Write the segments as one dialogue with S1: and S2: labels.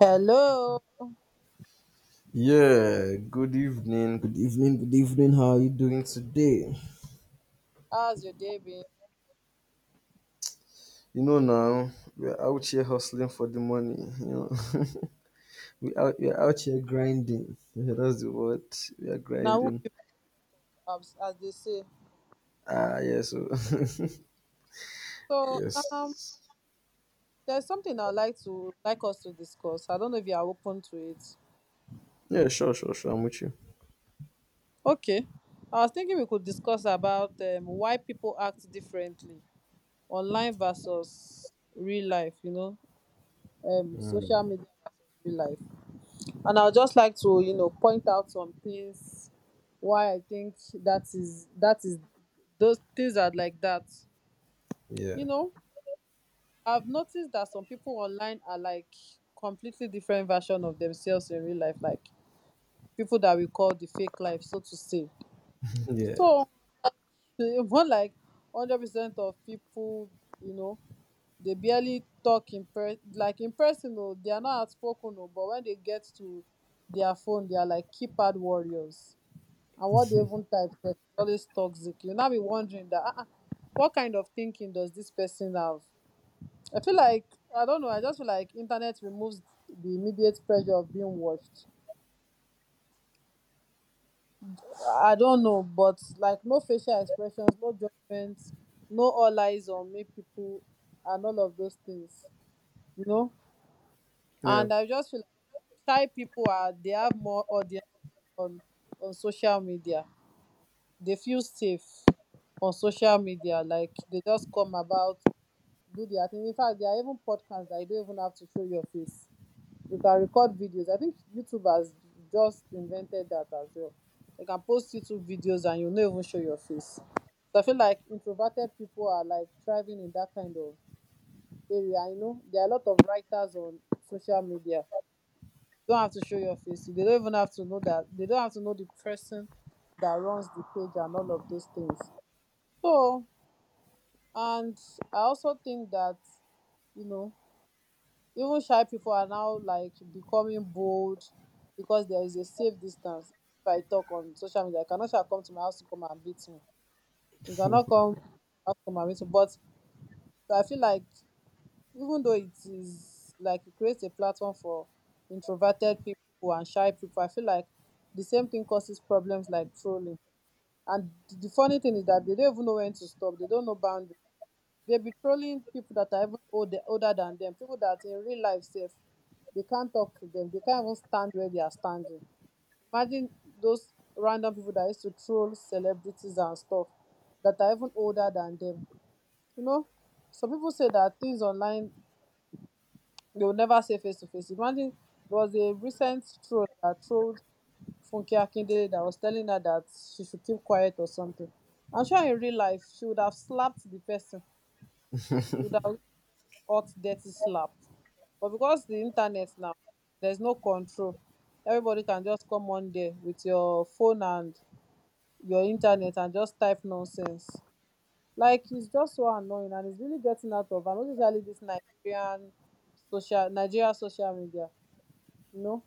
S1: Hello,
S2: Yeah, good evening, good evening, good evening. How are you doing today?
S1: how's your day been?
S2: You know now, we're out here hustling for the money. We're out here grinding. Yeah, that's the word. We are
S1: Now who
S2: grinding.
S1: give ups, as they say.
S2: Ah yeah, so
S1: So um,
S2: yes.
S1: there's something I'd like to us to discuss. I don't know if you are open to it.
S2: Yeah, sure, sure, sure. I'm with you.
S1: Okay, I was thinking we could discuss about why people act differently online versus real life. You know, social
S2: Um,
S1: media versus real life. And I'd just like to point out some things why I think that is those things are like that. You
S2: yeah.
S1: know. I've noticed that some people online are like completely different version of themselves in real life, like people that we call the fake life, so to say. So more like 100% of people, you know, they barely talk in per like in person oh, they are not outspoken oh, but when they get to their phone, they are like keypad warriors. And what they even type sef is always toxic. You'll now be wondering that what kind of thinking does this person have? I feel like I don't know. I just feel like internet removes the immediate pressure of being watched. I don't know, but like no facial expressions, no judgments, no all eyes on me, people, and all of those things. You know, and I just feel like shy people are they have more audience on on social media. They feel safe on social media. Like they just come about, do their thing. In fact, there are even podcasts that you don't even have to show your face. You can record videos. I think YouTube has just invented that as well. You can post YouTube videos and you'll not even show your face. So I feel like introverted people are like thriving in that kind of area. I know there are a lot of writers on social media. You don't have to show your face. They don't even have to know that they don't have to know the person that runs the page and all of those things. So and I also think that you know even shy people are now like becoming bold because there is a safe distance. If I talk on social media, I cannot sha come to my house to come and beat me. You cannot come to my house to come and beat me. But so I feel like even though it is like it creates a platform for introverted people and shy people, I feel like the same thing causes problems like trolling. And the funny thing is that they don't even know when to stop. They don't know boundaries. They be trolling people that are even older than them, people that in real life safe, they can't talk to them, they can't even stand where they are standing. Imagine those random people that used to troll celebrities and stuff that are even older than them. You know, some people say that things online they will never say face to face. Imagine there was a recent troll that trolled Funke Akindele that was telling her that she should keep quiet or something. I'm sure in real life she would have slapped the person. She would have hot dirty slap, but because the internet now there's no control, everybody can just come on there with your phone and your internet and just type nonsense, like it's just so annoying and it's really getting out of. And especially this Nigerian social Nigeria social media, you know,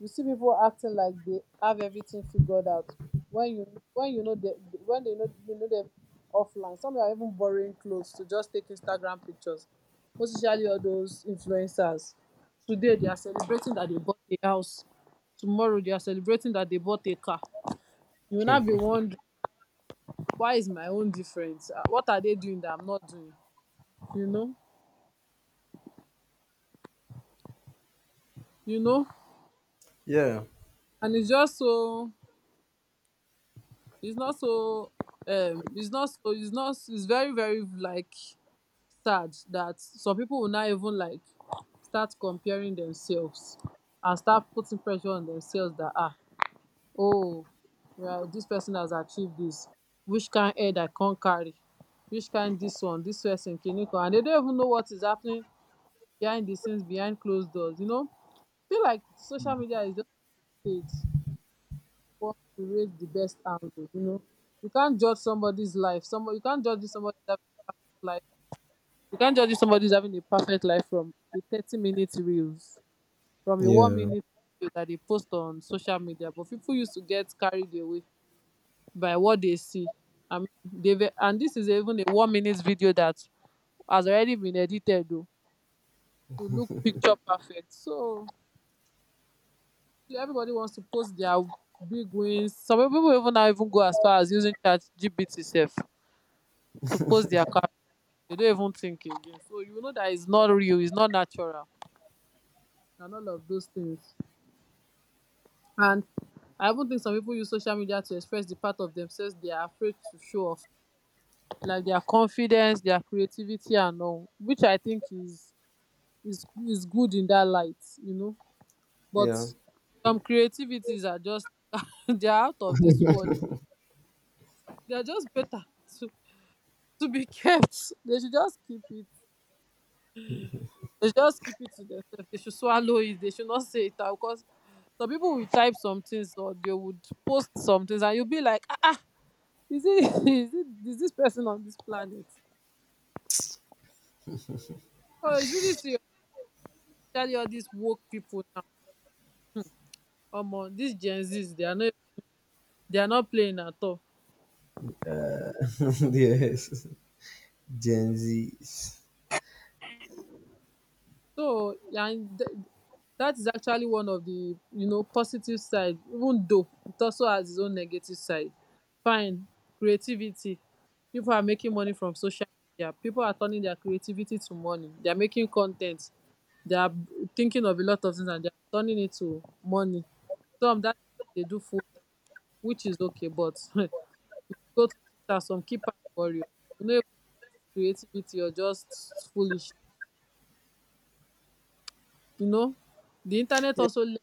S1: you see people acting like they have everything figured out when you know when they know you know them offline. Some are even borrowing clothes to just take Instagram pictures, most especially all those influencers. Today they are celebrating that they bought a house, tomorrow they are celebrating that they bought a car. You will now be wondering, why is my own different? Ah, what are they doing that I'm not doing? you know you know
S2: Yeah. Yeah. Yeah.
S1: and it's just so, it's not so, it's not so, it's not it's very very like sad that some people will not even like start comparing themselves and start putting pressure on themselves that ah, oh, well this person has achieved this, which kind head I can't carry, which kind this one this person kiniko, and they don't even know what is happening behind the scenes, behind closed doors, you know. I feel like social media is just a stage for to raise the best angle, you know. You can't judge somebody's life, somebody you can't judge somebody's having a perfect life You can't judge if somebody's having a perfect life from a 30-minute reels, from a one
S2: Yeah.
S1: minute video that they post on social media. But people used to get carried away by what they see. I mean, they and this is even a 1 minute video that has already been edited though to look picture perfect. So everybody wants to post their big wins. Some people even now even go as far as using chat GBT self to post their car. They don't even think again. So you know that it's not real, it's not natural, and all of those things. And I even think some people use social media to express the part of themselves they are afraid to show off, like their confidence, their creativity, and all, which I think is is good in that light, you know. But
S2: Yeah.
S1: some creativities are just they are out of this world. They are just better to to be kept. They should just keep it. They should just keep it to themselves. They should swallow it. They should not say it out because some people will type some things or they would post some things, and you'll be like, ah, is it is this person on this planet? Oh, it's really serious. Especially all these woke people now. Hmm. Omo, these Gen Zs, they are not playing at all.
S2: Uh, yes. Gen Z.
S1: So yeah, and that is actually one of the you know positive side, even though it also has its own negative side. Fine, creativity. People are making money from social media. People are turning their creativity to money. They are making content. They are thinking of a lot of things and they are turning it to money. Some that they do full time, which is okay, but go to Twitter, some keypad warrior. You know, creativity or just foolish. You know, the internet also let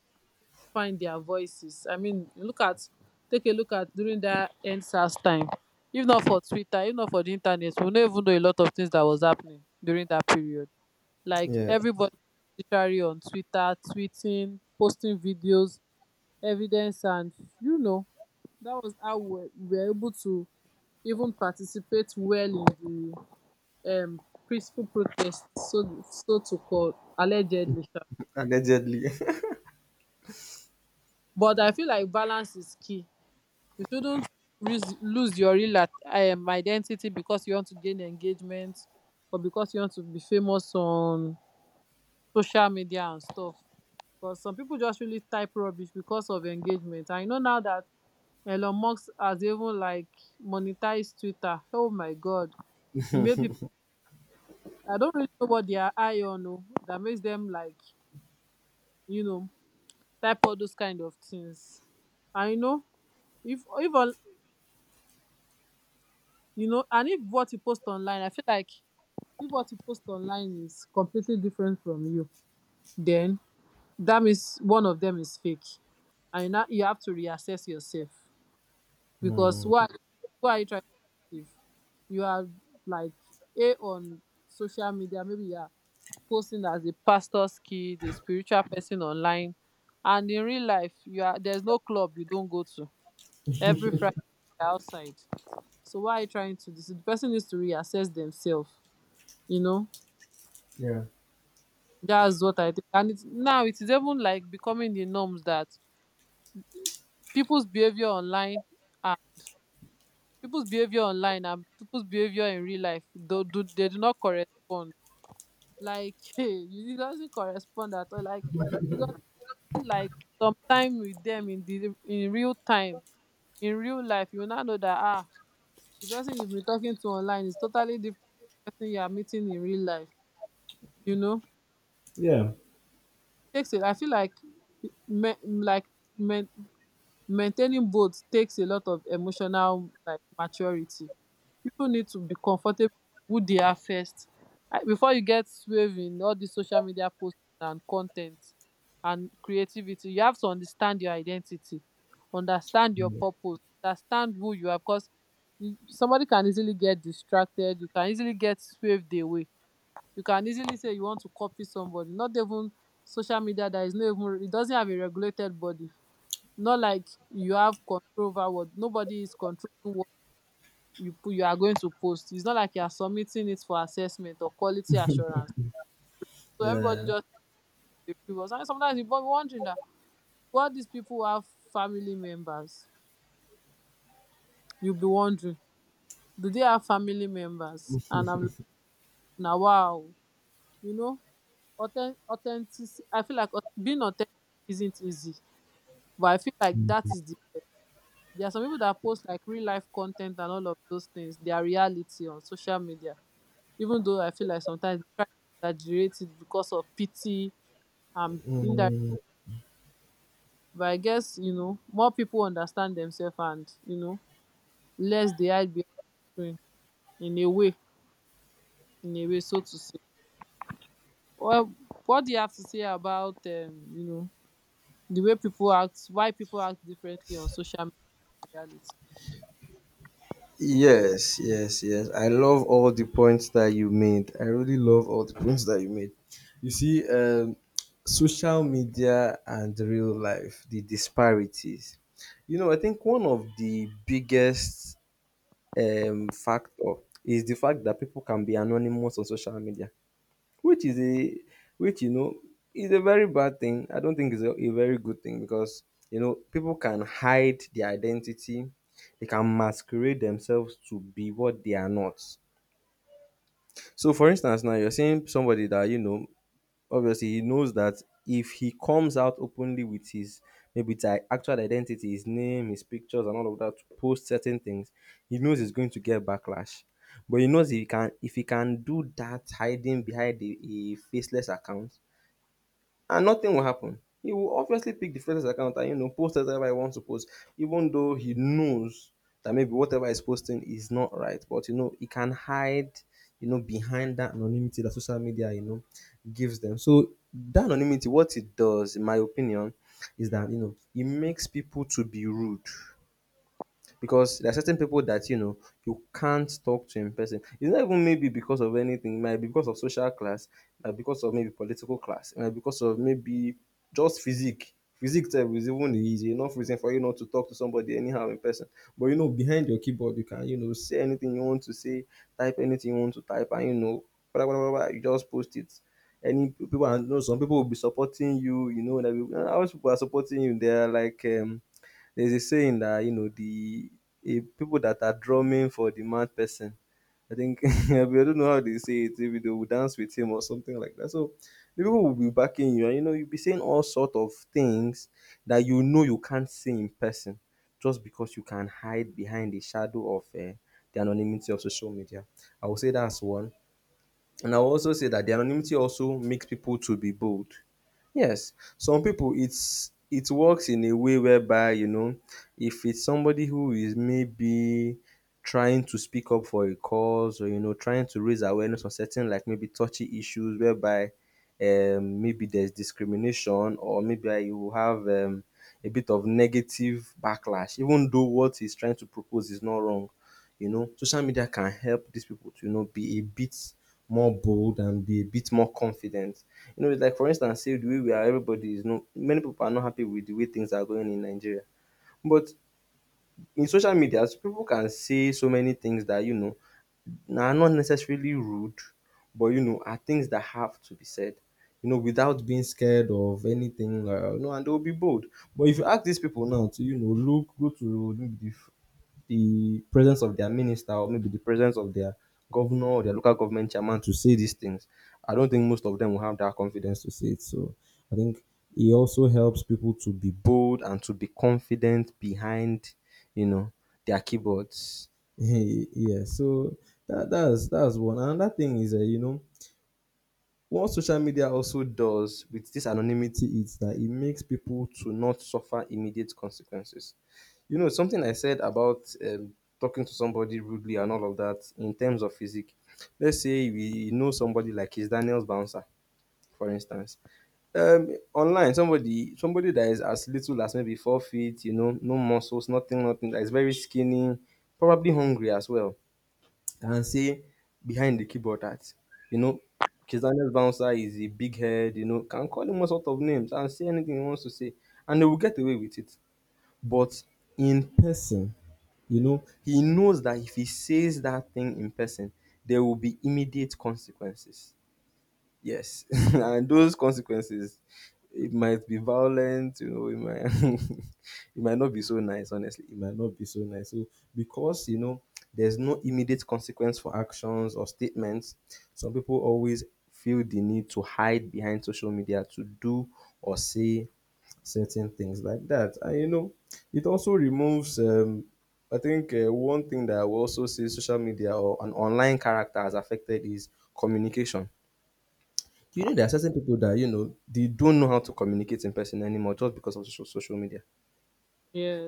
S1: find their voices. I mean, take a look at during that NSAS time. If not for Twitter, if not for the internet, we don't even know a lot of things that was happening during that period. Like
S2: Yeah.
S1: everybody was literally on Twitter, tweeting, posting videos, evidence, and you know, that was how we were able to even participate well in um peaceful protest, so so to call, allegedly,
S2: Allegedly.
S1: but I feel like balance is key. You shouldn't lose your identity because you want to gain engagement or because you want to be famous on social media and stuff, because some people just really type rubbish because of engagement. I know now that Elon Musk has even like monetized Twitter, oh my god, e made people. I don't really know what they are eye on. Oh, that makes them like you know type all those kind of things. And you know, if on you know, and if what you post online, I feel like if what you post online is completely different from you, then that means one of them is fake, and you now you have to reassess yourself because
S2: Hmm.
S1: what are you trying to achieve? You are like a on social media, maybe you are posting as a pastor's kid, a spiritual person online, and in real life, you are there's no club you don't go to. Every Friday outside. So why are you trying to this? The person needs to reassess themselves. You know,
S2: Yeah.
S1: that's what I think. And it's, now it is even like becoming the norms that people's behavior online and people's behavior online and people's behavior in real life do they do not correspond. Like it doesn't correspond at all. Like it's not like sometime with them in the in real time in real life you will now know that ah the person you've been talking to online is totally different from the person you are meeting in real life. You know
S2: Yeah.
S1: takes it. I feel like me, like men maintaining both takes a lot of emotional like maturity. People need to be comfortable with who they are first. Before you get swayed in all the social media posts and content and creativity, you have to understand your identity, understand your
S2: Yeah.
S1: purpose, understand who you are, because somebody can easily get distracted, you can easily get swayed away, you can easily say you want to copy somebody. Not even social media, that is not even, it doesn't have a regulated body, not like you have control over what, nobody is controlling what you put, you are going to post. It's not like you are submitting it for assessment or quality assurance, so everybody just dey free. But sometimes you be wondering that, what, these people have family members? You will be wondering, do they have family members? And I'm like, now, wow, you know, authentic, I feel like being authentic isn't easy. But I feel like that is the best. There are some people that post like real life content and all of those things, their reality on social media. Even though I feel like sometimes they try to exaggerate it because of pity and indirect.
S2: Mm.
S1: But I guess, more people understand themselves and less they hide behind screen, in a way, in a way, so to say. Well, what do you have to say about, the way people act, why people act differently on social media reality?
S2: Yes, yes, yes. I love all the points that you made. I really love all the points that you made. You see, social media and real life, the disparities. You know, I think one of the biggest factor is the fact that people can be anonymous on social media, which is a which is a very bad thing. I don't think it's a very good thing because people can hide their identity. They can masquerade themselves to be what they are not. So, for instance, now you're seeing somebody that, obviously he knows that if he comes out openly with his maybe his I- actual identity, his name, his pictures, and all of that to post certain things, he knows he's going to get backlash. But he knows if he can do that hiding behind a faceless account, and nothing will happen. He will obviously pick the first account and post whatever he wants to post, even though he knows that maybe whatever he's posting is not right. But he can hide, behind that anonymity that social media gives them. So that anonymity, what it does, in my opinion, is that it makes people to be rude because there are certain people that you can't talk to in person. It's not even maybe because of anything. It might be because of social class, it might be because of maybe political class, it might be because of maybe just physique. Physique type is even easy enough reason for you not to talk to somebody anyhow in person. But behind your keyboard, you can say anything you want to say, type anything you want to type, and blah blah blah blah. You just post it any people, and some people will be supporting you you know that people, how much people are supporting you, they are like there's a saying that the people that are drumming for the mad person. I think I don't know how they say it. Maybe they will dance with him or something like that. So the people will be backing you, and you'll be saying all sort of things that you can't say in person, just because you can hide behind the shadow of the anonymity of social media. I would say that's one. And I'll also say that the anonymity also makes people to be bold. Yes, some people it works in a way whereby if it's somebody who is maybe trying to speak up for a cause or trying to raise awareness on certain like maybe touchy issues whereby maybe there's discrimination or maybe you have a bit of negative backlash, even though what he's trying to propose is not wrong. Social media can help these people to, be a bit more bold and be a bit more confident. You know, it's like for instance, say the way we are, everybody is no many people are not happy with the way things are going in Nigeria. But in social media, people can say so many things that are not necessarily rude, but are things that have to be said. Without being scared of anything, and they'll be bold. But if you ask these people now to, look, go to maybe the presence of their minister, or maybe the presence of their governor or their local government chairman to say these things. I don't think most of them will have that confidence to say it. So I think it also helps people to be bold and to be confident behind, you know, their keyboards. Yeah, so that's one. Another thing is you know what social media also does with this anonymity is that it makes people to not suffer immediate consequences. Something I said about um, talking to somebody rudely and all of that in terms of physique. Let's say we know somebody like his Daniel's bouncer, for instance. Online, somebody that is as little as maybe 4 feet, no muscles, nothing, nothing, that is very skinny, probably hungry as well, and say behind the keyboard that you know Kizana's bouncer is a big head, can call him all sort of names and say anything he wants to say, and they will get away with it. But in person, he knows that if he says that thing in person, there will be immediate consequences. Yes, and those consequences, it might be violent. It might it might not be so nice. Honestly, it might not be so nice. So, because there's no immediate consequence for actions or statements. Some people always feel the need to hide behind social media to do or say certain things like that. And it also removes. I think one thing that I will also say social media or an online character has affected is communication. There are certain people that, they don't know how to communicate in person anymore just because of social media.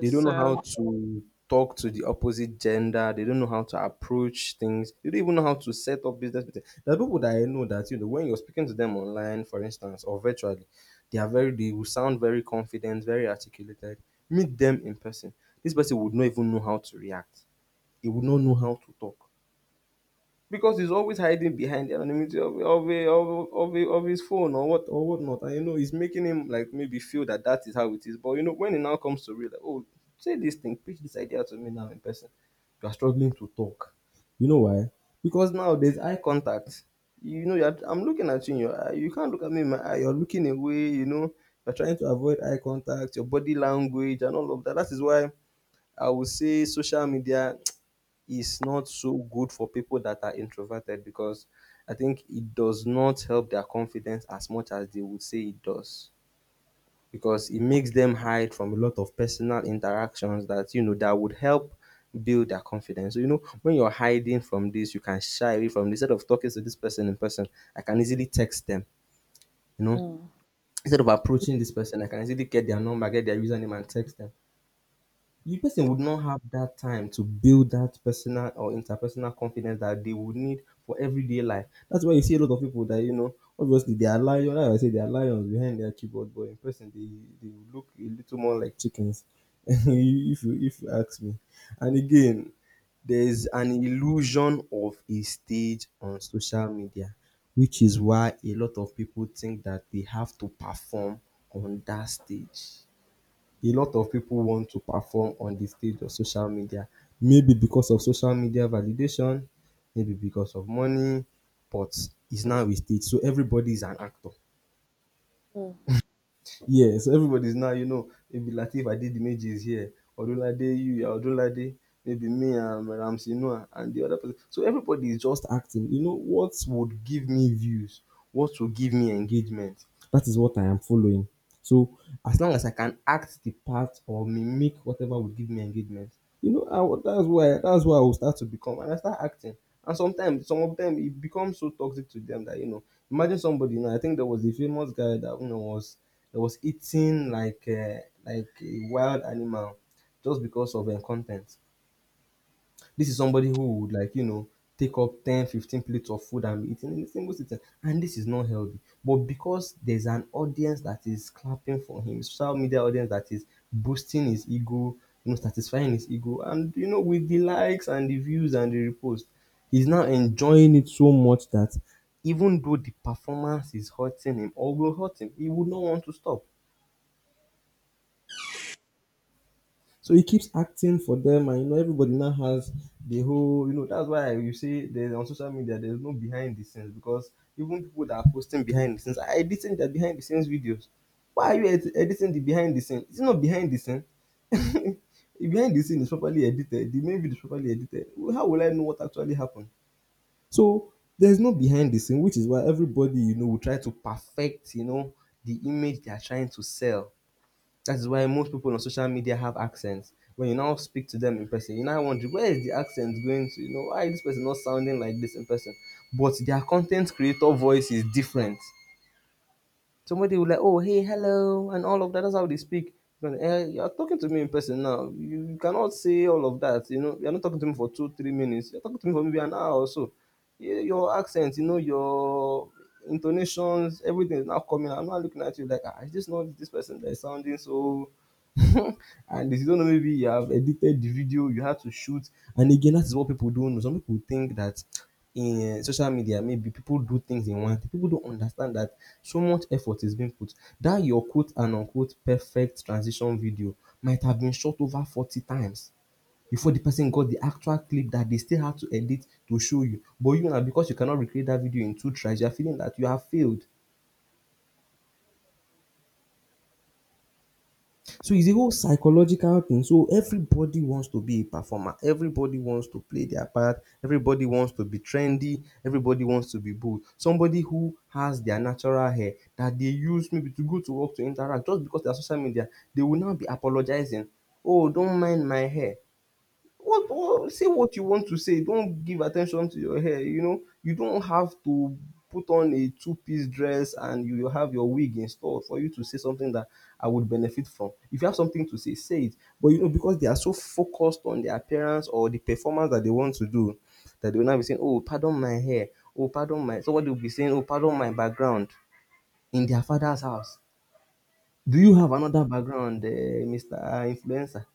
S2: They don't know
S1: I,
S2: how to talk to the opposite gender. They don't know how to approach things. They don't even know how to set up business with them. There are people that I know that, when you're speaking to them online, for instance, or virtually, they will sound very confident, very articulated. Meet them in person. This person would not even know how to react. He would not know how to talk, because he's always hiding behind the anonymity of his phone or what or whatnot. And it's making him like maybe feel that that is how it is. But when it now comes to real, like, oh, say this thing, pitch this idea to me now in person. You are struggling to talk. You know why? Because now there's eye contact. I'm looking at you. In your eye. You can't look at me in my eye. You're looking away. You're trying to avoid eye contact, your body language, and all of that. That is why I would say social media is not so good for people that are introverted, because I think it does not help their confidence as much as they would say it does, because it makes them hide from a lot of personal interactions that that would help build their confidence. So when you're hiding from this, you can shy away from this. Instead of talking to this person in person, I can easily text them. You know
S1: mm,
S2: instead of approaching this person, I can easily get their number, get their username, and text them. The person would not have that time to build that personal or interpersonal confidence that they would need for everyday life. That's why you see a lot of people that obviously they are lions. Like I say, they are lions behind their keyboard, but in person they look a little more like chickens. If you ask me, and again, there's an illusion of a stage on social media, which is why a lot of people think that they have to perform on that stage. A lot of people want to perform on the stage of social media, maybe because of social media validation, maybe because of money, but it's now a stage, so everybody is an actor.
S1: mm,
S2: Yes, everybody is now, maybe Lateef Adedimeji is here, Odunlade Yuya Odunlade, maybe me and Ramsey Noah and the other person. So everybody is just acting. What would give me views? What would give me engagement? Doing. So as long as I can act the part or mimic whatever would give me engagement, that's where I will start to become, and I start acting. And sometimes, some of them, it becomes so toxic to them that you know. Imagine somebody. You know, I think there was a famous guy that you know was that was eating like a wild animal just because of content. This is somebody who would, take up 10 15 plates of food and be eating in a single sitting. And this is not healthy. But because there's an audience that is clapping for him, social media audience that is boosting his ego, you know, satisfying his ego, and you know, with the likes and the views and the reposts, he's now enjoying it so much that even though the performance is hurting him or will hurt him, he would not want to stop. So he keeps acting for them, and you know everybody now has the whole, you know, that's why you say there's on social media there's no behind the scenes because even people that are posting behind the scenes are editing their behind the scenes videos. Why are you editing the behind the scenes? It's not behind the scene. If behind the scene is properly edited, the main video is properly edited. Well, how will I know what actually happened? So there's no behind the scene, which is why everybody, you know, will try to perfect, you know, the image they are trying to sell. That is why most people on social media have accents. When you now speak to them in person, you now wonder where is the accent going to? You know, why is this person not sounding like this in person? But their content creator voice is different. Somebody will like, oh hey, hello, and all of that. That's how they speak. But, eh, you are talking to me in person now. You cannot say all of that. You know, you are not talking to me for two, 3 minutes. You're talking to me for maybe an hour or so. Yeah, your accent, you know, your intonations, everything is now coming. I'm not looking at you like, ah, is this not this person that is sounding so and if you don't know, maybe you have edited the video, you had to shoot. And again, that is what people don't know. Some people think that in eh, social media, maybe people do things in one. People don't understand that so much effort is being put. That your quote and unquote perfect transition video might have been shot over 40 times before the person got the actual clip that they still had to edit to show you. But you now, because you cannot recreate that video in two tries, you're feeling that you have failed. So it's a whole psychological thing. So everybody wants to be a performer. Everybody wants to play their part. Everybody wants to be trendy. Everybody wants to be bold. Somebody who has their natural hair that they use maybe to go to work to interact just because they are social media, they will now be apologizing. Oh, don't mind my hair. What say what you want to say, don't give attention to your hair, you know. You don't have to put on a two-piece dress and you will have your wig installed for you to say something that I would benefit from. If you have something to say, say it. But you know, because they are so focused on their appearance or the performance that they want to do, that they will now be saying, oh, pardon my hair, oh pardon my somebody will be saying, oh, pardon my background in their father's house. Do you have another background, Mr. Influencer?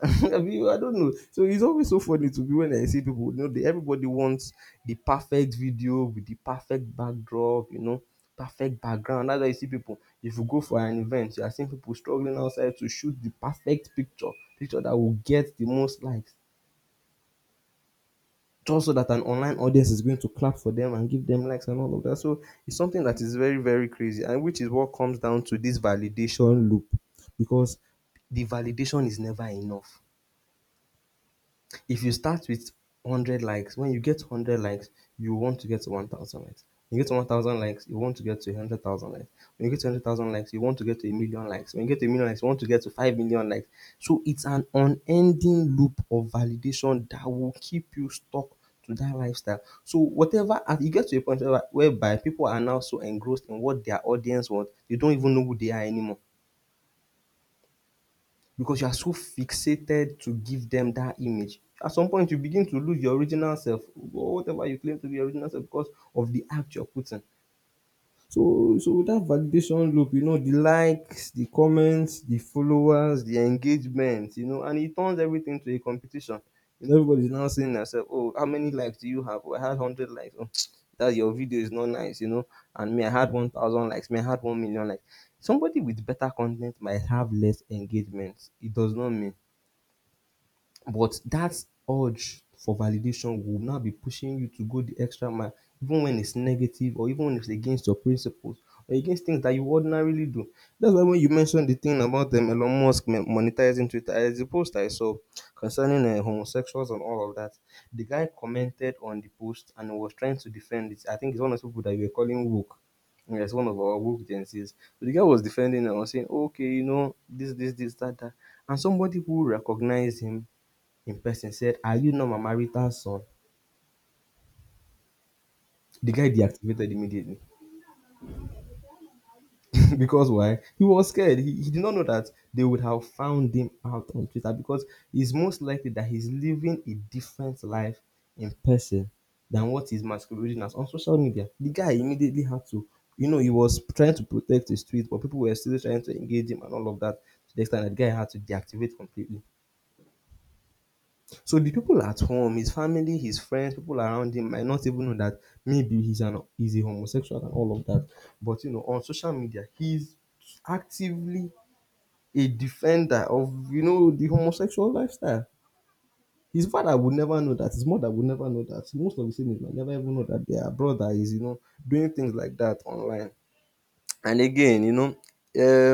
S2: Have you? I don't know. So it's always so funny to me when I see people. You know, they, everybody wants the perfect video with the perfect backdrop. You know, perfect background. That's why you see people. If you go for an event, you are seeing people struggling outside to shoot the perfect picture, picture that will get the most likes, just so that an online audience is going to clap for them and give them likes and all of that. So it's something that is very very crazy, and which is what comes down to this validation loop, because the validation is never enough. If you start with 100 likes, when you get 100 likes, you want to get to 1,000 likes. When you get to 1,000 likes, you want to get to 100,000 likes. When you get to 100,000 likes, you want to get to a million likes. When you get to a million likes, you want to get to 5 million likes. So it's an unending loop of validation that will keep you stuck to that lifestyle. So whatever as you get to a point whereby people are now so engrossed in what their audience want, they don't even know who they are anymore because you are so fixated to give them that image. At some point, you begin to lose your original self or whatever you claim to be your original self because of the act you're putting. So with that validation loop, you know, the likes, the comments, the followers, the engagement, you know, and it turns everything to a competition. You know, everybody's now saying to themselves, "Oh, how many likes do you have? Oh, I had hundred likes. Oh, that your video is not nice, you know." And me, I had 1,000 likes. Me, I had 1 million likes. Somebody with better content might have less engagement. It does not mean but that urge for validation will now be pushing you to go the extra mile even when it's negative or even when it's against your principles or against things that you ordinarily do. That's why when you mentioned the thing about Elon Musk monetizing Twitter, as a post I saw concerning homosexuals and all of that. The guy commented on the post and was trying to defend it. I think it's one of the people that we were calling woke. Yes, one of our woke agencies. So the guy was defending and was saying, okay, you know, this, that, that. And somebody who recognized him in person said, are you not my marital son? The guy deactivated immediately. Because why? He was scared. He did not know that they would have found him out on Twitter because it's most likely that he's living a different life in person than what he's masquerading as on social media. The guy immediately had to, you know, he was trying to protect his tweet, but people were still trying to engage him and all of that to the extent that the guy had to deactivate completely. So the people at home, his family, his friends, people around him might not even know that maybe he's a homosexual and all of that. But you know, on social media, he's actively a defender of you know the homosexual lifestyle. His father would never know that. His mother would never know that. Most of the siblings might never even know that their brother is you know doing things like that online. And again, you know,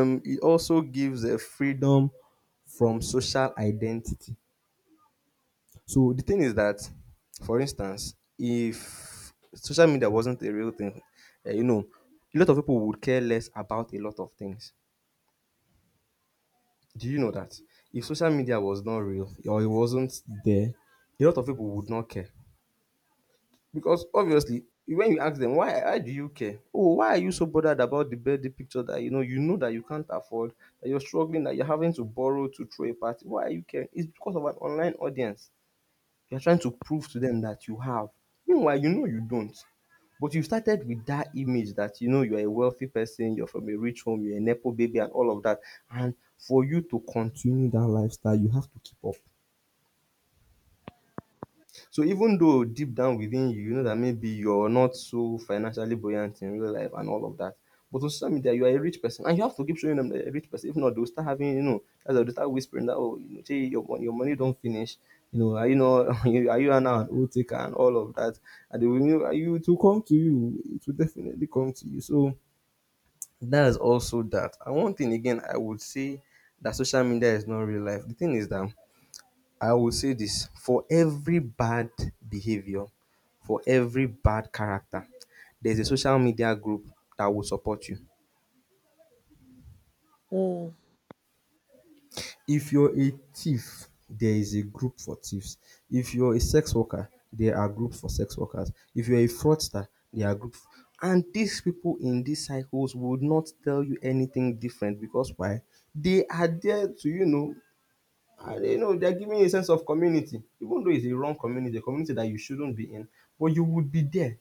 S2: it also gives a freedom from social identity. So the thing is that, for instance, if social media wasn't a real thing, eh, you know, a lot of people would care less about a lot of things. Do you know that? If social media was not real or it wasn't there, a lot of people would not care. Because obviously, when you ask them, why do you care? Oh, why are you so bothered about the birthday picture that you know that you can't afford, that you're struggling, that you're having to borrow to throw a party? Why are you caring? It's because of an online audience. You are trying to prove to them that you have. Meanwhile, you know you don't. But you started with that image that you know you're a wealthy person, you're from a rich home, you're a Nepo baby, and all of that. And for you to continue that lifestyle, you have to keep up. So even though deep down within you, you know that maybe you're not so financially buoyant in real life and all of that, but on social media you are a rich person and you have to keep showing them that you're a rich person. If not, they'll start having you know, as they'll start whispering that oh, you know, "Shey, your your money don't finish. You know, are you not you- are you now an old taker and all of that? And they will you know, you- to come to you. It will definitely come to you. So that is also that. And one thing again, I would say that social media is not real life. The thing is that I will say this for every bad behavior, for every bad character, there's a social media group that will support you.
S1: mm.
S2: If you're a thief, there is a group for thieves. If you're a sex worker, there are groups for sex workers. If you're a fraudster, there are groups. And these people in these cycles would not tell you anything different because why? They are there to, and they're giving you a sense of community, even though it's a wrong community, a community that you shouldn't be in, but you would be there.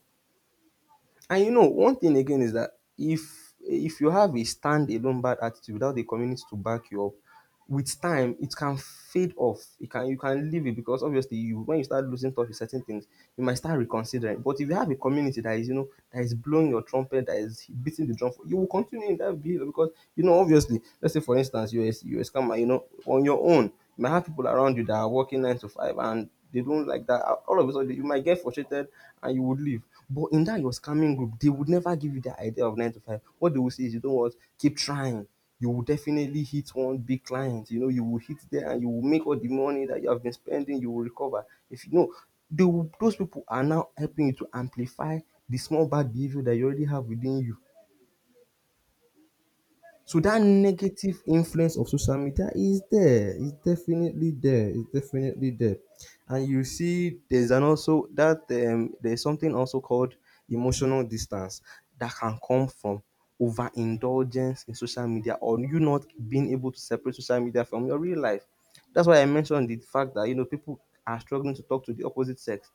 S2: And you know, one thing again is that if you have a standalone bad attitude without the community to back you up, with time it can fade off. It can, you can leave it, because obviously you, when you start losing touch with certain things, you might start reconsidering. But if you have a community that is, you know, that is blowing your trumpet, that is beating the drum for, you will continue in that behavior because you know obviously. Let's say for instance you are a scammer. You know, on your own, you might have people around you that are working nine to five and they don't like that. All of a sudden you might get frustrated and you would leave. But in that your scamming group, they would never give you the idea of nine to five. What they will say is, you know what, keep trying. You will definitely hit one big client. You know, you will hit there and you will make all the money that you have been spending, you will recover. If you know, they will, those people are now helping you to amplify the small bad behavior that you already have within you. So that negative influence of social media is there. It's definitely there. It's definitely there. And you see, there's an also that there's something also called emotional distance that can come from overindulgence in social media, or you not being able to separate social media from your real life. That's why I mentioned the fact that, you know, people are struggling to talk to the opposite sex.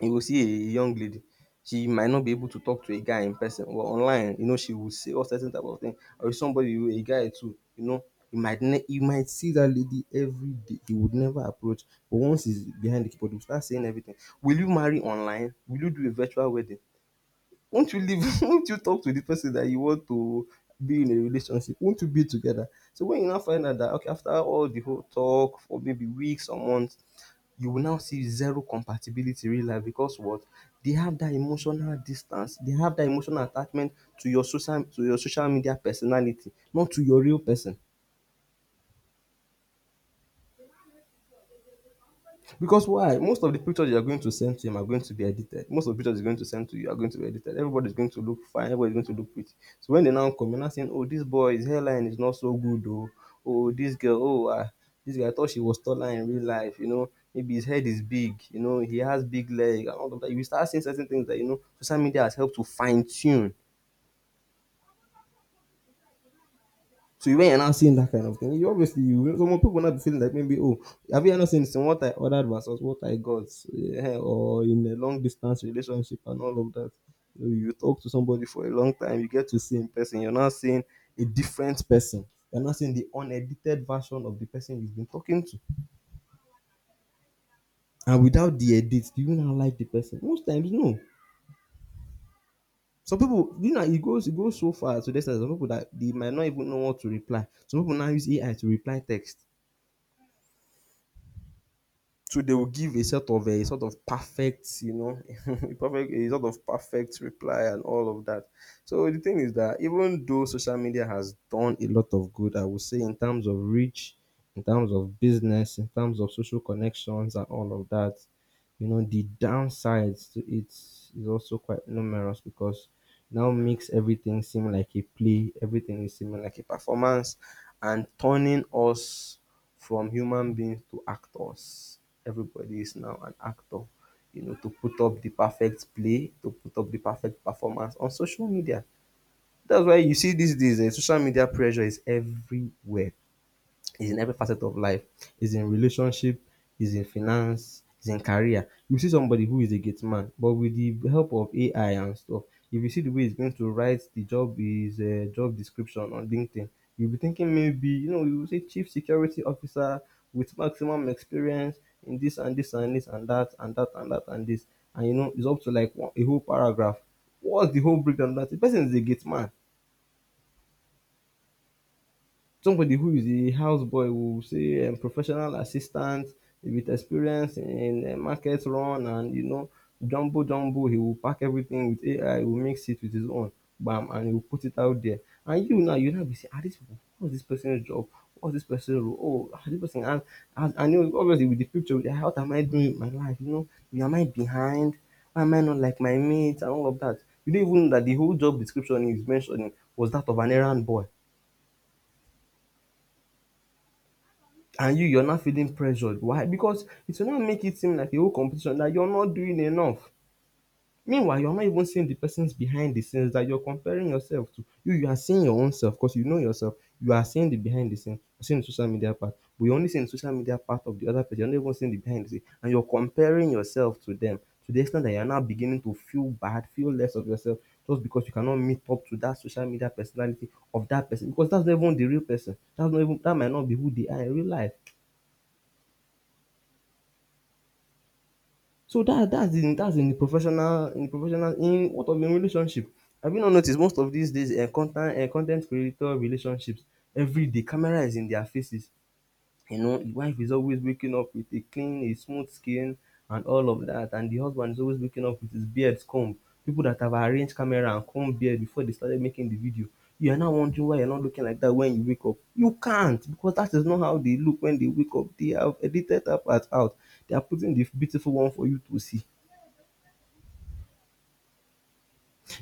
S2: You will see a young lady, she might not be able to talk to a guy in person, but online, you know, she will say all certain type of thing. Or if a guy too, you know, you might see that lady everyday, you would never approach, but once he's behind the keyboard, he will start saying everything. Will you marry online? Will you do a virtual wedding? Won't you leave won't you talk to the person that you want to be in a relationship? Won't you be together? So when you now find out dat okay, after all the whole talk for maybe weeks or months, you will now see zero compatibility in real life, because what they have, that emotional distance, they have that emotional attachment to your social media personality, not to your real person. Because why? Most of the pictures you are going to send to him are going to be edited. Most of the pictures he's going to send to you are going to be edited. Everybody's going to look fine. Everybody's going to look pretty. So when they now come, you're now saying, oh, this boy's hairline is not so good, oh, oh, this girl, oh, ah, this guy, I thought she was taller in real life, you know. Maybe his head is big, you know, he has big leg and all of that. You will start seeing certain things that, you know, social media has helped to fine tune. So when you're now seeing that kind of thing, you obviously, you, some people will not be feeling like, maybe, oh, have you not seen this in what I ordered versus what I got? Eh, or in a long distance relationship and all of that. You talk to somebody for a long time, you get to see in person, you're not seeing a different person. You're not seeing the unedited version of the person you've been talking to. And without the edit, do you now like the person? Most times no. Some people, you know, it goes so far to this. Some people that they might not even know what to reply. Some people now use AI to reply text. So they will give a sort of perfect, you know, a perfect a sort of perfect reply and all of that. So the thing is that even though social media has done a lot of good, I would say, in terms of reach, in terms of business, in terms of social connections and all of that, you know, the downsides to it is also quite numerous, because now makes everything seem like a play, everything is seeming like a performance, and turning us from human beings to actors. Everybody is now an actor, you know, to put up the perfect play, to put up the perfect performance on social media. That's why you see these days, eh, social media pressure is everywhere, is in every facet of life. Is in relationship, is in finance, is in career. You see somebody who is a gate man, but with the help of AI and stuff, if you see the way he's going to write the job is job description on LinkedIn, you'll be thinking, maybe, you know, you will say chief security officer with maximum experience in this and this and this and that and that and that and this, and you know, it's up to like one, a whole paragraph. What's the whole breakdown? Of that the person is a gate man. Somebody who is a houseboy will say, professional assistant with experience in market run, and, you know, jumbo jumbo, he will pack everything with AI, he will mix it with his own bam, and he will put it out there. And you now be saying, ah, this people, what's this person's job, what's this person's role, oh, ah, this person has, and, you know, obviously with the picture, with what am I doing with my life, you know, yeah, am I behind, why am I not like my mates and all of that? You don't even know that the whole job description he's mentioning was that of an errand boy, and you're not feeling pressured. Why? Because it will not make it seem like a whole competition that you're not doing enough. Meanwhile, you're not even seeing the persons behind the scenes that you're comparing yourself to. You are seeing your own self because you know yourself. You are seeing the behind the scene, you're seeing the social media part, but you're only seeing the social media part of the other person. You're not even seeing the behind the scene, and you're comparing yourself to them, to the extent that you're now beginning to feel bad, feel less of yourself, just because you cannot meet up to that social media personality of that person, because that's not even the real person. That's not even, that might not be who they are in real life. So that's in the professional, in the professional in what of in relationship? Have you not noticed most of these days, content ten t creator relationships, everyday camera is in their faces. You know, the wife is always waking up with a smooth skin and all of that, and the husband is always waking up with his beard comb. People that have arranged camera and comb beard before they started making the video. You are now wondering why you are not looking like that when you wake up. You can't, because that is not how they look when they wake up. They have edited that part out. They are putting the beautiful one for you to see.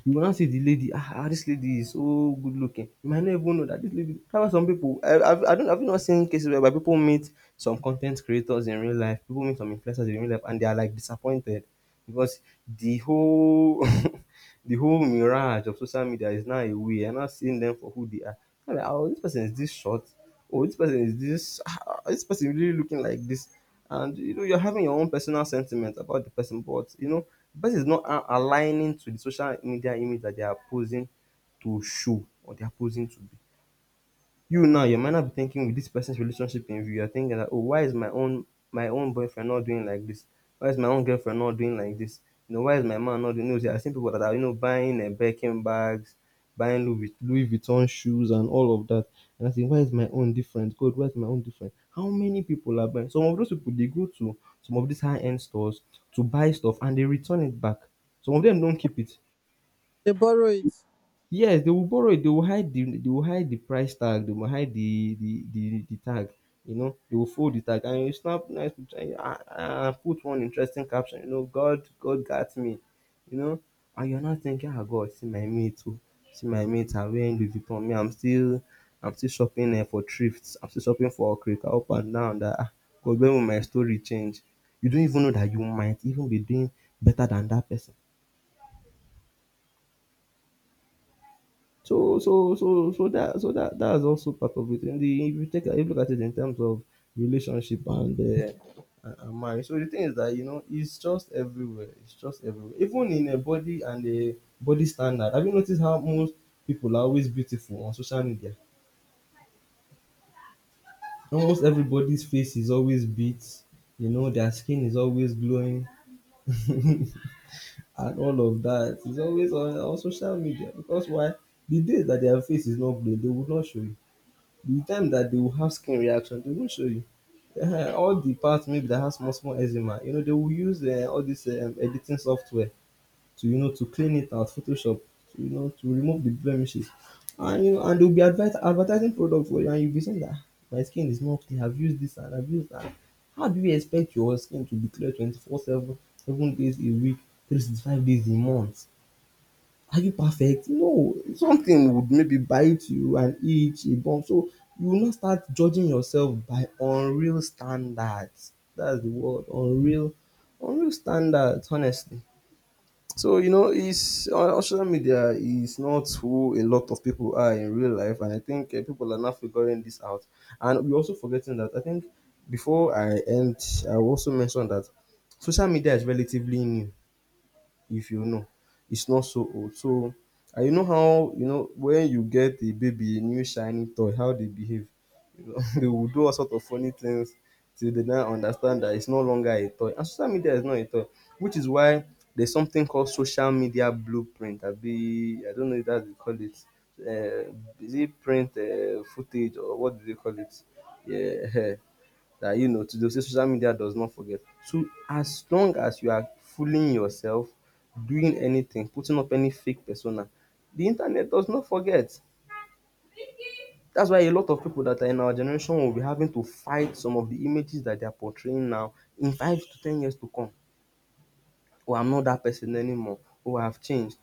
S2: You go now see the lady. Ah, ah, this lady is so good looking, you might not even know that this lady, dat's why some people, I have, I don't, have not seen cases where people meet some content creators in real life, people meet some influencers in real life and they are like disappointed, because the whole the whole mirage of social media is now away, I'm not seeing them for who they are. Now like, oh, this person is this short, oh, this person is this, is this person really looking like this? And you know, you're having your own personal sentiment about the person, but you know, the person is not aligning to the social media image that they are posing to show, or they are posing to be. You now, you might not be thinking with this person's relationship in view. You're thinking that, oh, why is my own boyfriend not doing like this? Why is my own girlfriend not doing like this? You know, why is my man not doing those? There are seen people that are, you know, buying and Birkin bags, buying Louis Vuitton shoes and all of that. And I think, why is my own different? God, why is my own different? How many people are buying? Some of those people, they go to some of these high-end stores to buy stuff and they return it back. Some of them don't keep it.
S1: They borrow it.
S2: Yes, they will borrow it. They will hide the they will hide the price tag. They will hide the tag. You know, they will fold the tag and you snap nice picture and, put one interesting caption. You know, God got me. You know, and you're not thinking, ah, God, see my mate too. See my mate are wearing Louis Vuitton. I'm still shopping for thrifts. I'm still shopping for Okrika up and down. God, when will my story change? You don't even know that you might even be doing better than that person. So that's also part of it. And the if you take a look at it in terms of relationship and and marriage. So the thing is that, you know, it's just everywhere. It's just everywhere. Even in a body and a body standard. Have you noticed how most people are always beautiful on social media? Almost everybody's face is always beat. You know, their skin is always glowing. And all of that is always on social media because why the day that their face is not glowing they would not show it the time that they will have skin reaction, they won't show you. Ehen, all the parts maybe that has small small eczema, you know, they will use all this editing software to, you know, to clean it out, Photoshop, to, you know, to remove the blemishes, and, you know, and they'll be advertising products for you, and you'll be saying that my skin is not clean. I've used this and I've used that. How do you expect your skin to be clear 24/7, 7 days a week, 365 days a month? Are you perfect? No. Something would maybe bite you and itch a bump. So you will not start judging yourself by unreal standards. That's the word. Unreal standards, honestly. So you know, it's on social media is not who a lot of people are in real life, and I think people are now figuring this out. And we're also forgetting that I think before I end, I will also mention that social media is relatively new if you know. It's not so old. So and you know how you know when you get a baby a new shiny toy, how they behave. You know, they will do all sort of funny things till they now understand that it's no longer a toy. And social media is not a toy, which is why there's something called social media blueprint. I don't know if that's they call it. uh, is it print footage or what do they call it? Yeah. That, you know, to dey social media does not forget. So as long as you are fooling yourself, doing anything, putting up any fake persona, the internet does not forget. That's why a lot of people that are in our generation will be having to fight some of the images that they are portraying now in 5 to 10 years to come. Oh, I'm not that person anymore, oh, I've changed.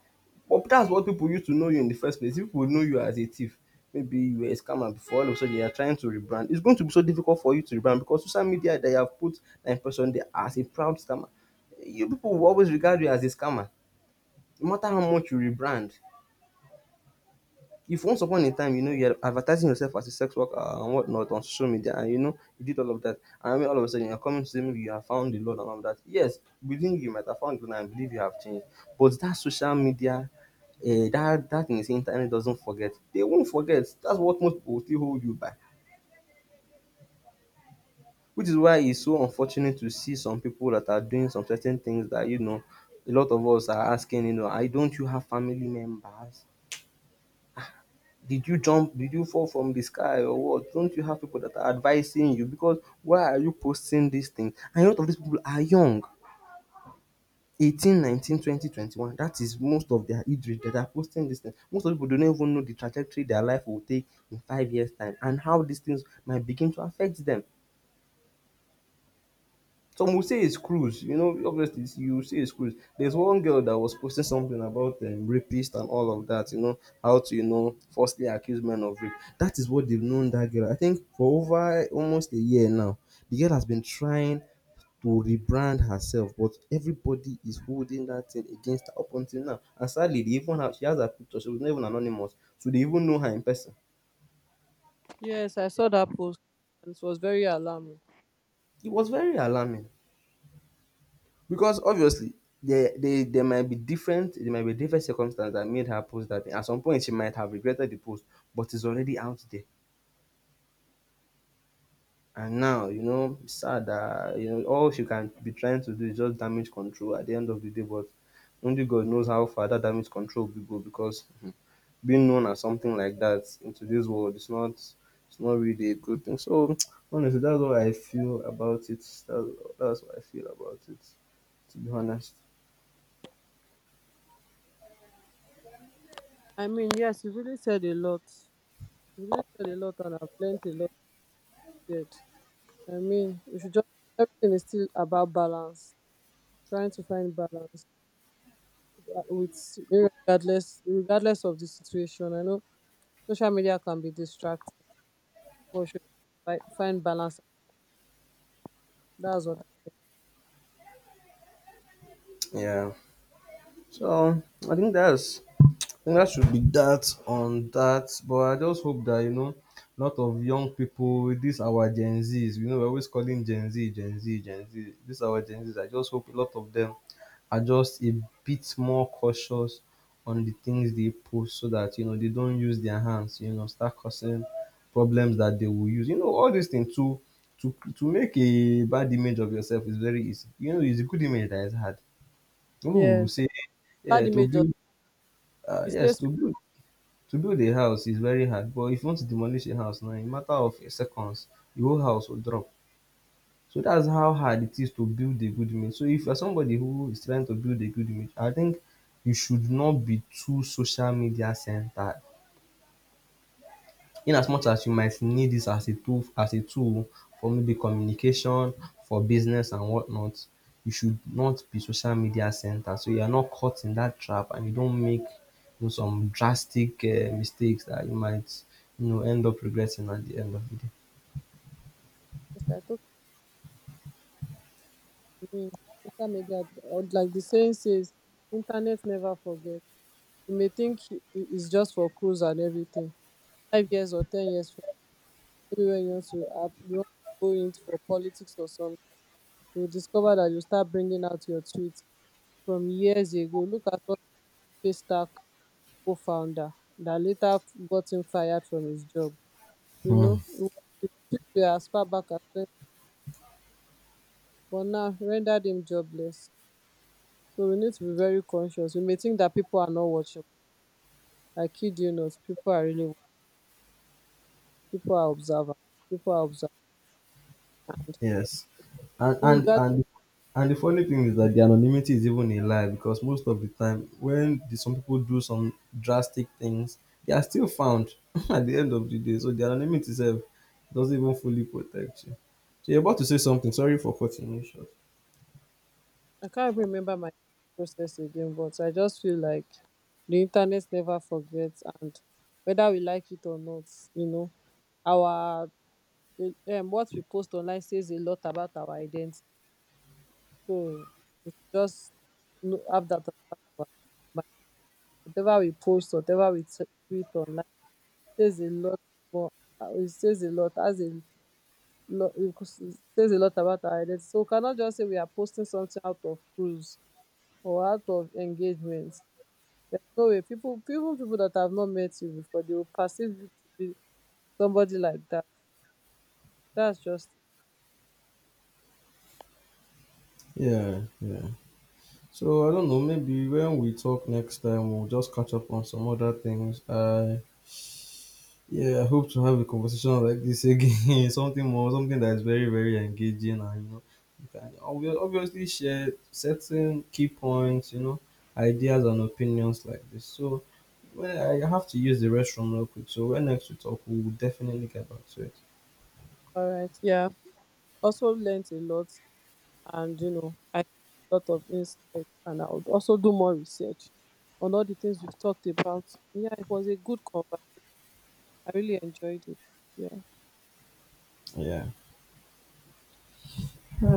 S2: But that's what people used to know you in the first place. If people know you as a thief, maybe you were a scammer before, all of a sudden you are trying to rebrand. It's going to be so difficult for you to rebrand because social media they have put that impression there as a proud scammer. You people will always regard you as a scammer, no matter how much you rebrand. If once upon a time, you know, you're advertising yourself as a sex worker and whatnot on social media, and you know, you did all of that, and then all of a sudden you're coming to say maybe you have found the Lord and all of that. Yes, within you might have found the Lord and believe you have changed. But that social media, that, that thing is internet doesn't forget. They won't forget. That's what most people still hold you by. Which is why it's so unfortunate to see some people that are doing some certain things that, you know, a lot of us are asking, you know, I don't you have family members? Did you jump? Did you fall from the sky or what? Don't you have people that are advising you? Because why are you posting these things? And a lot of these people are young. 18 19, 20, 21. That is most of their age range that are posting these things. Most of people do not even know the trajectory their life will take in 5 years' time and how these things might begin to affect them. Some will say it's cruise, you know, obviously you will say it's cruise. There's one girl that was posting something about rapist and all of that, you know, how to, you know, falsely accuse men of rape. That is what they've known that girl. I think for over almost a year now, the girl has been trying to rebrand herself, but everybody is holding that thing against her up until now. And sadly, they even have she has her picture, she was not even anonymous, so they even know her in person.
S1: Yes, I saw that post and it was very alarming.
S2: It was very alarming. Because obviously there might be different circumstances that made her post that thing. At some point she might have regretted the post, but it's already out there. And now, you know, it's sad that you know all she can be trying to do is just damage control at the end of the day, but only God knows how far that damage control will go because being known as something like that in today's world is not it's not really a good thing. So honestly that's what I feel about it. That's what I feel about it, to be honest.
S1: I mean, yes, he really said a lot. He really said a lot and I've learned a lot said. I mean, we should just, everything is still about balance. Trying to find balance, with, regardless of the situation. I know social media can be distracting, but we should find balance. That's what I.
S2: Yeah. So I think that's I think that should be that on that. But I just hope that, you know, a lot of young people, with this our Gen Zs, you know, we're always calling Gen Z. This our Gen Zs. I just hope a lot of them are just a bit more cautious on the things they post, so that you know they don't use their hands, you know, start causing problems that they will use. You know, all these things to make a bad image of yourself is very easy. You know, it's a good image that is hard. People will
S1: Yes.
S2: say yeah,
S1: Bad
S2: to
S1: image of,
S2: build Uh,
S1: it
S2: yes,
S1: stays for
S2: to build to build a house is very hard, but if you want to demolish a house now, in a matter of seconds, the whole house will drop. So that's how hard it is to build a good image. So if you're somebody who is trying to build a good image, I think you should not be too social media centered. In as much as you might need this as a tool for maybe communication, for business and whatnot, you should not be social media center. So you are not caught in that trap and you don't make you know, some drastic mistakes that you might you know end up regretting at the end of the day.
S1: us. I thought, I mean, social media, or like the saying says, internet never forgets. You may think it's just for cruise and everything. 5 years or 10 years from, maybe when you want to you want to go into, for politics or something, you will discover that you start bringing out your tweets from years ago. Look at what Paystack co-founder, that later got him fired from his job. You
S2: Hmm.
S1: know, it took you as far back as 20, but now rendered him jobless. So we need to be very conscious. We may think that people are not watching. I kid you not, people are really watching. People are observant. People are observant. And
S2: Yes. And
S1: you,
S2: and and and the funny thing is that the anonymity is even a lie because most of the time when some people do some drastic things, they are still found at the end of the day. So the anonymity itself doesn't even fully protect you. So you're about to say something. Sorry for cutting you short.
S1: I can't remember my process again, but I just feel like the internet never forgets, and whether we like it or not, you know, our what we post online says a lot about our identity. So we should just know, have that as part of our mind. Whatever we post, whatever we tweet online, says a lot more. It says a lot, as a lot. It says a lot about our identity. So we cannot just say we are posting something out of cruise or out of engagement. There's no way people, even people that have not met you before, they will perceive you to be somebody like that. That's just.
S2: Yeah, yeah. So I don't know. Maybe when we talk next time, we'll just catch up on some other things. I Yeah, I hope to have a conversation like this again. Something that is very, very engaging, and you know, you can obviously share certain key points, you know, ideas and opinions like this. So, well, I have to use the restroom real quick. So, when next we talk, we will definitely get back to it.
S1: All right. Yeah, also learned a lot, and I got a lot of insight, and I would also do more research on all the things we've talked about. Yeah, it was a good conversation. I really enjoyed it. Yeah.
S2: Yeah.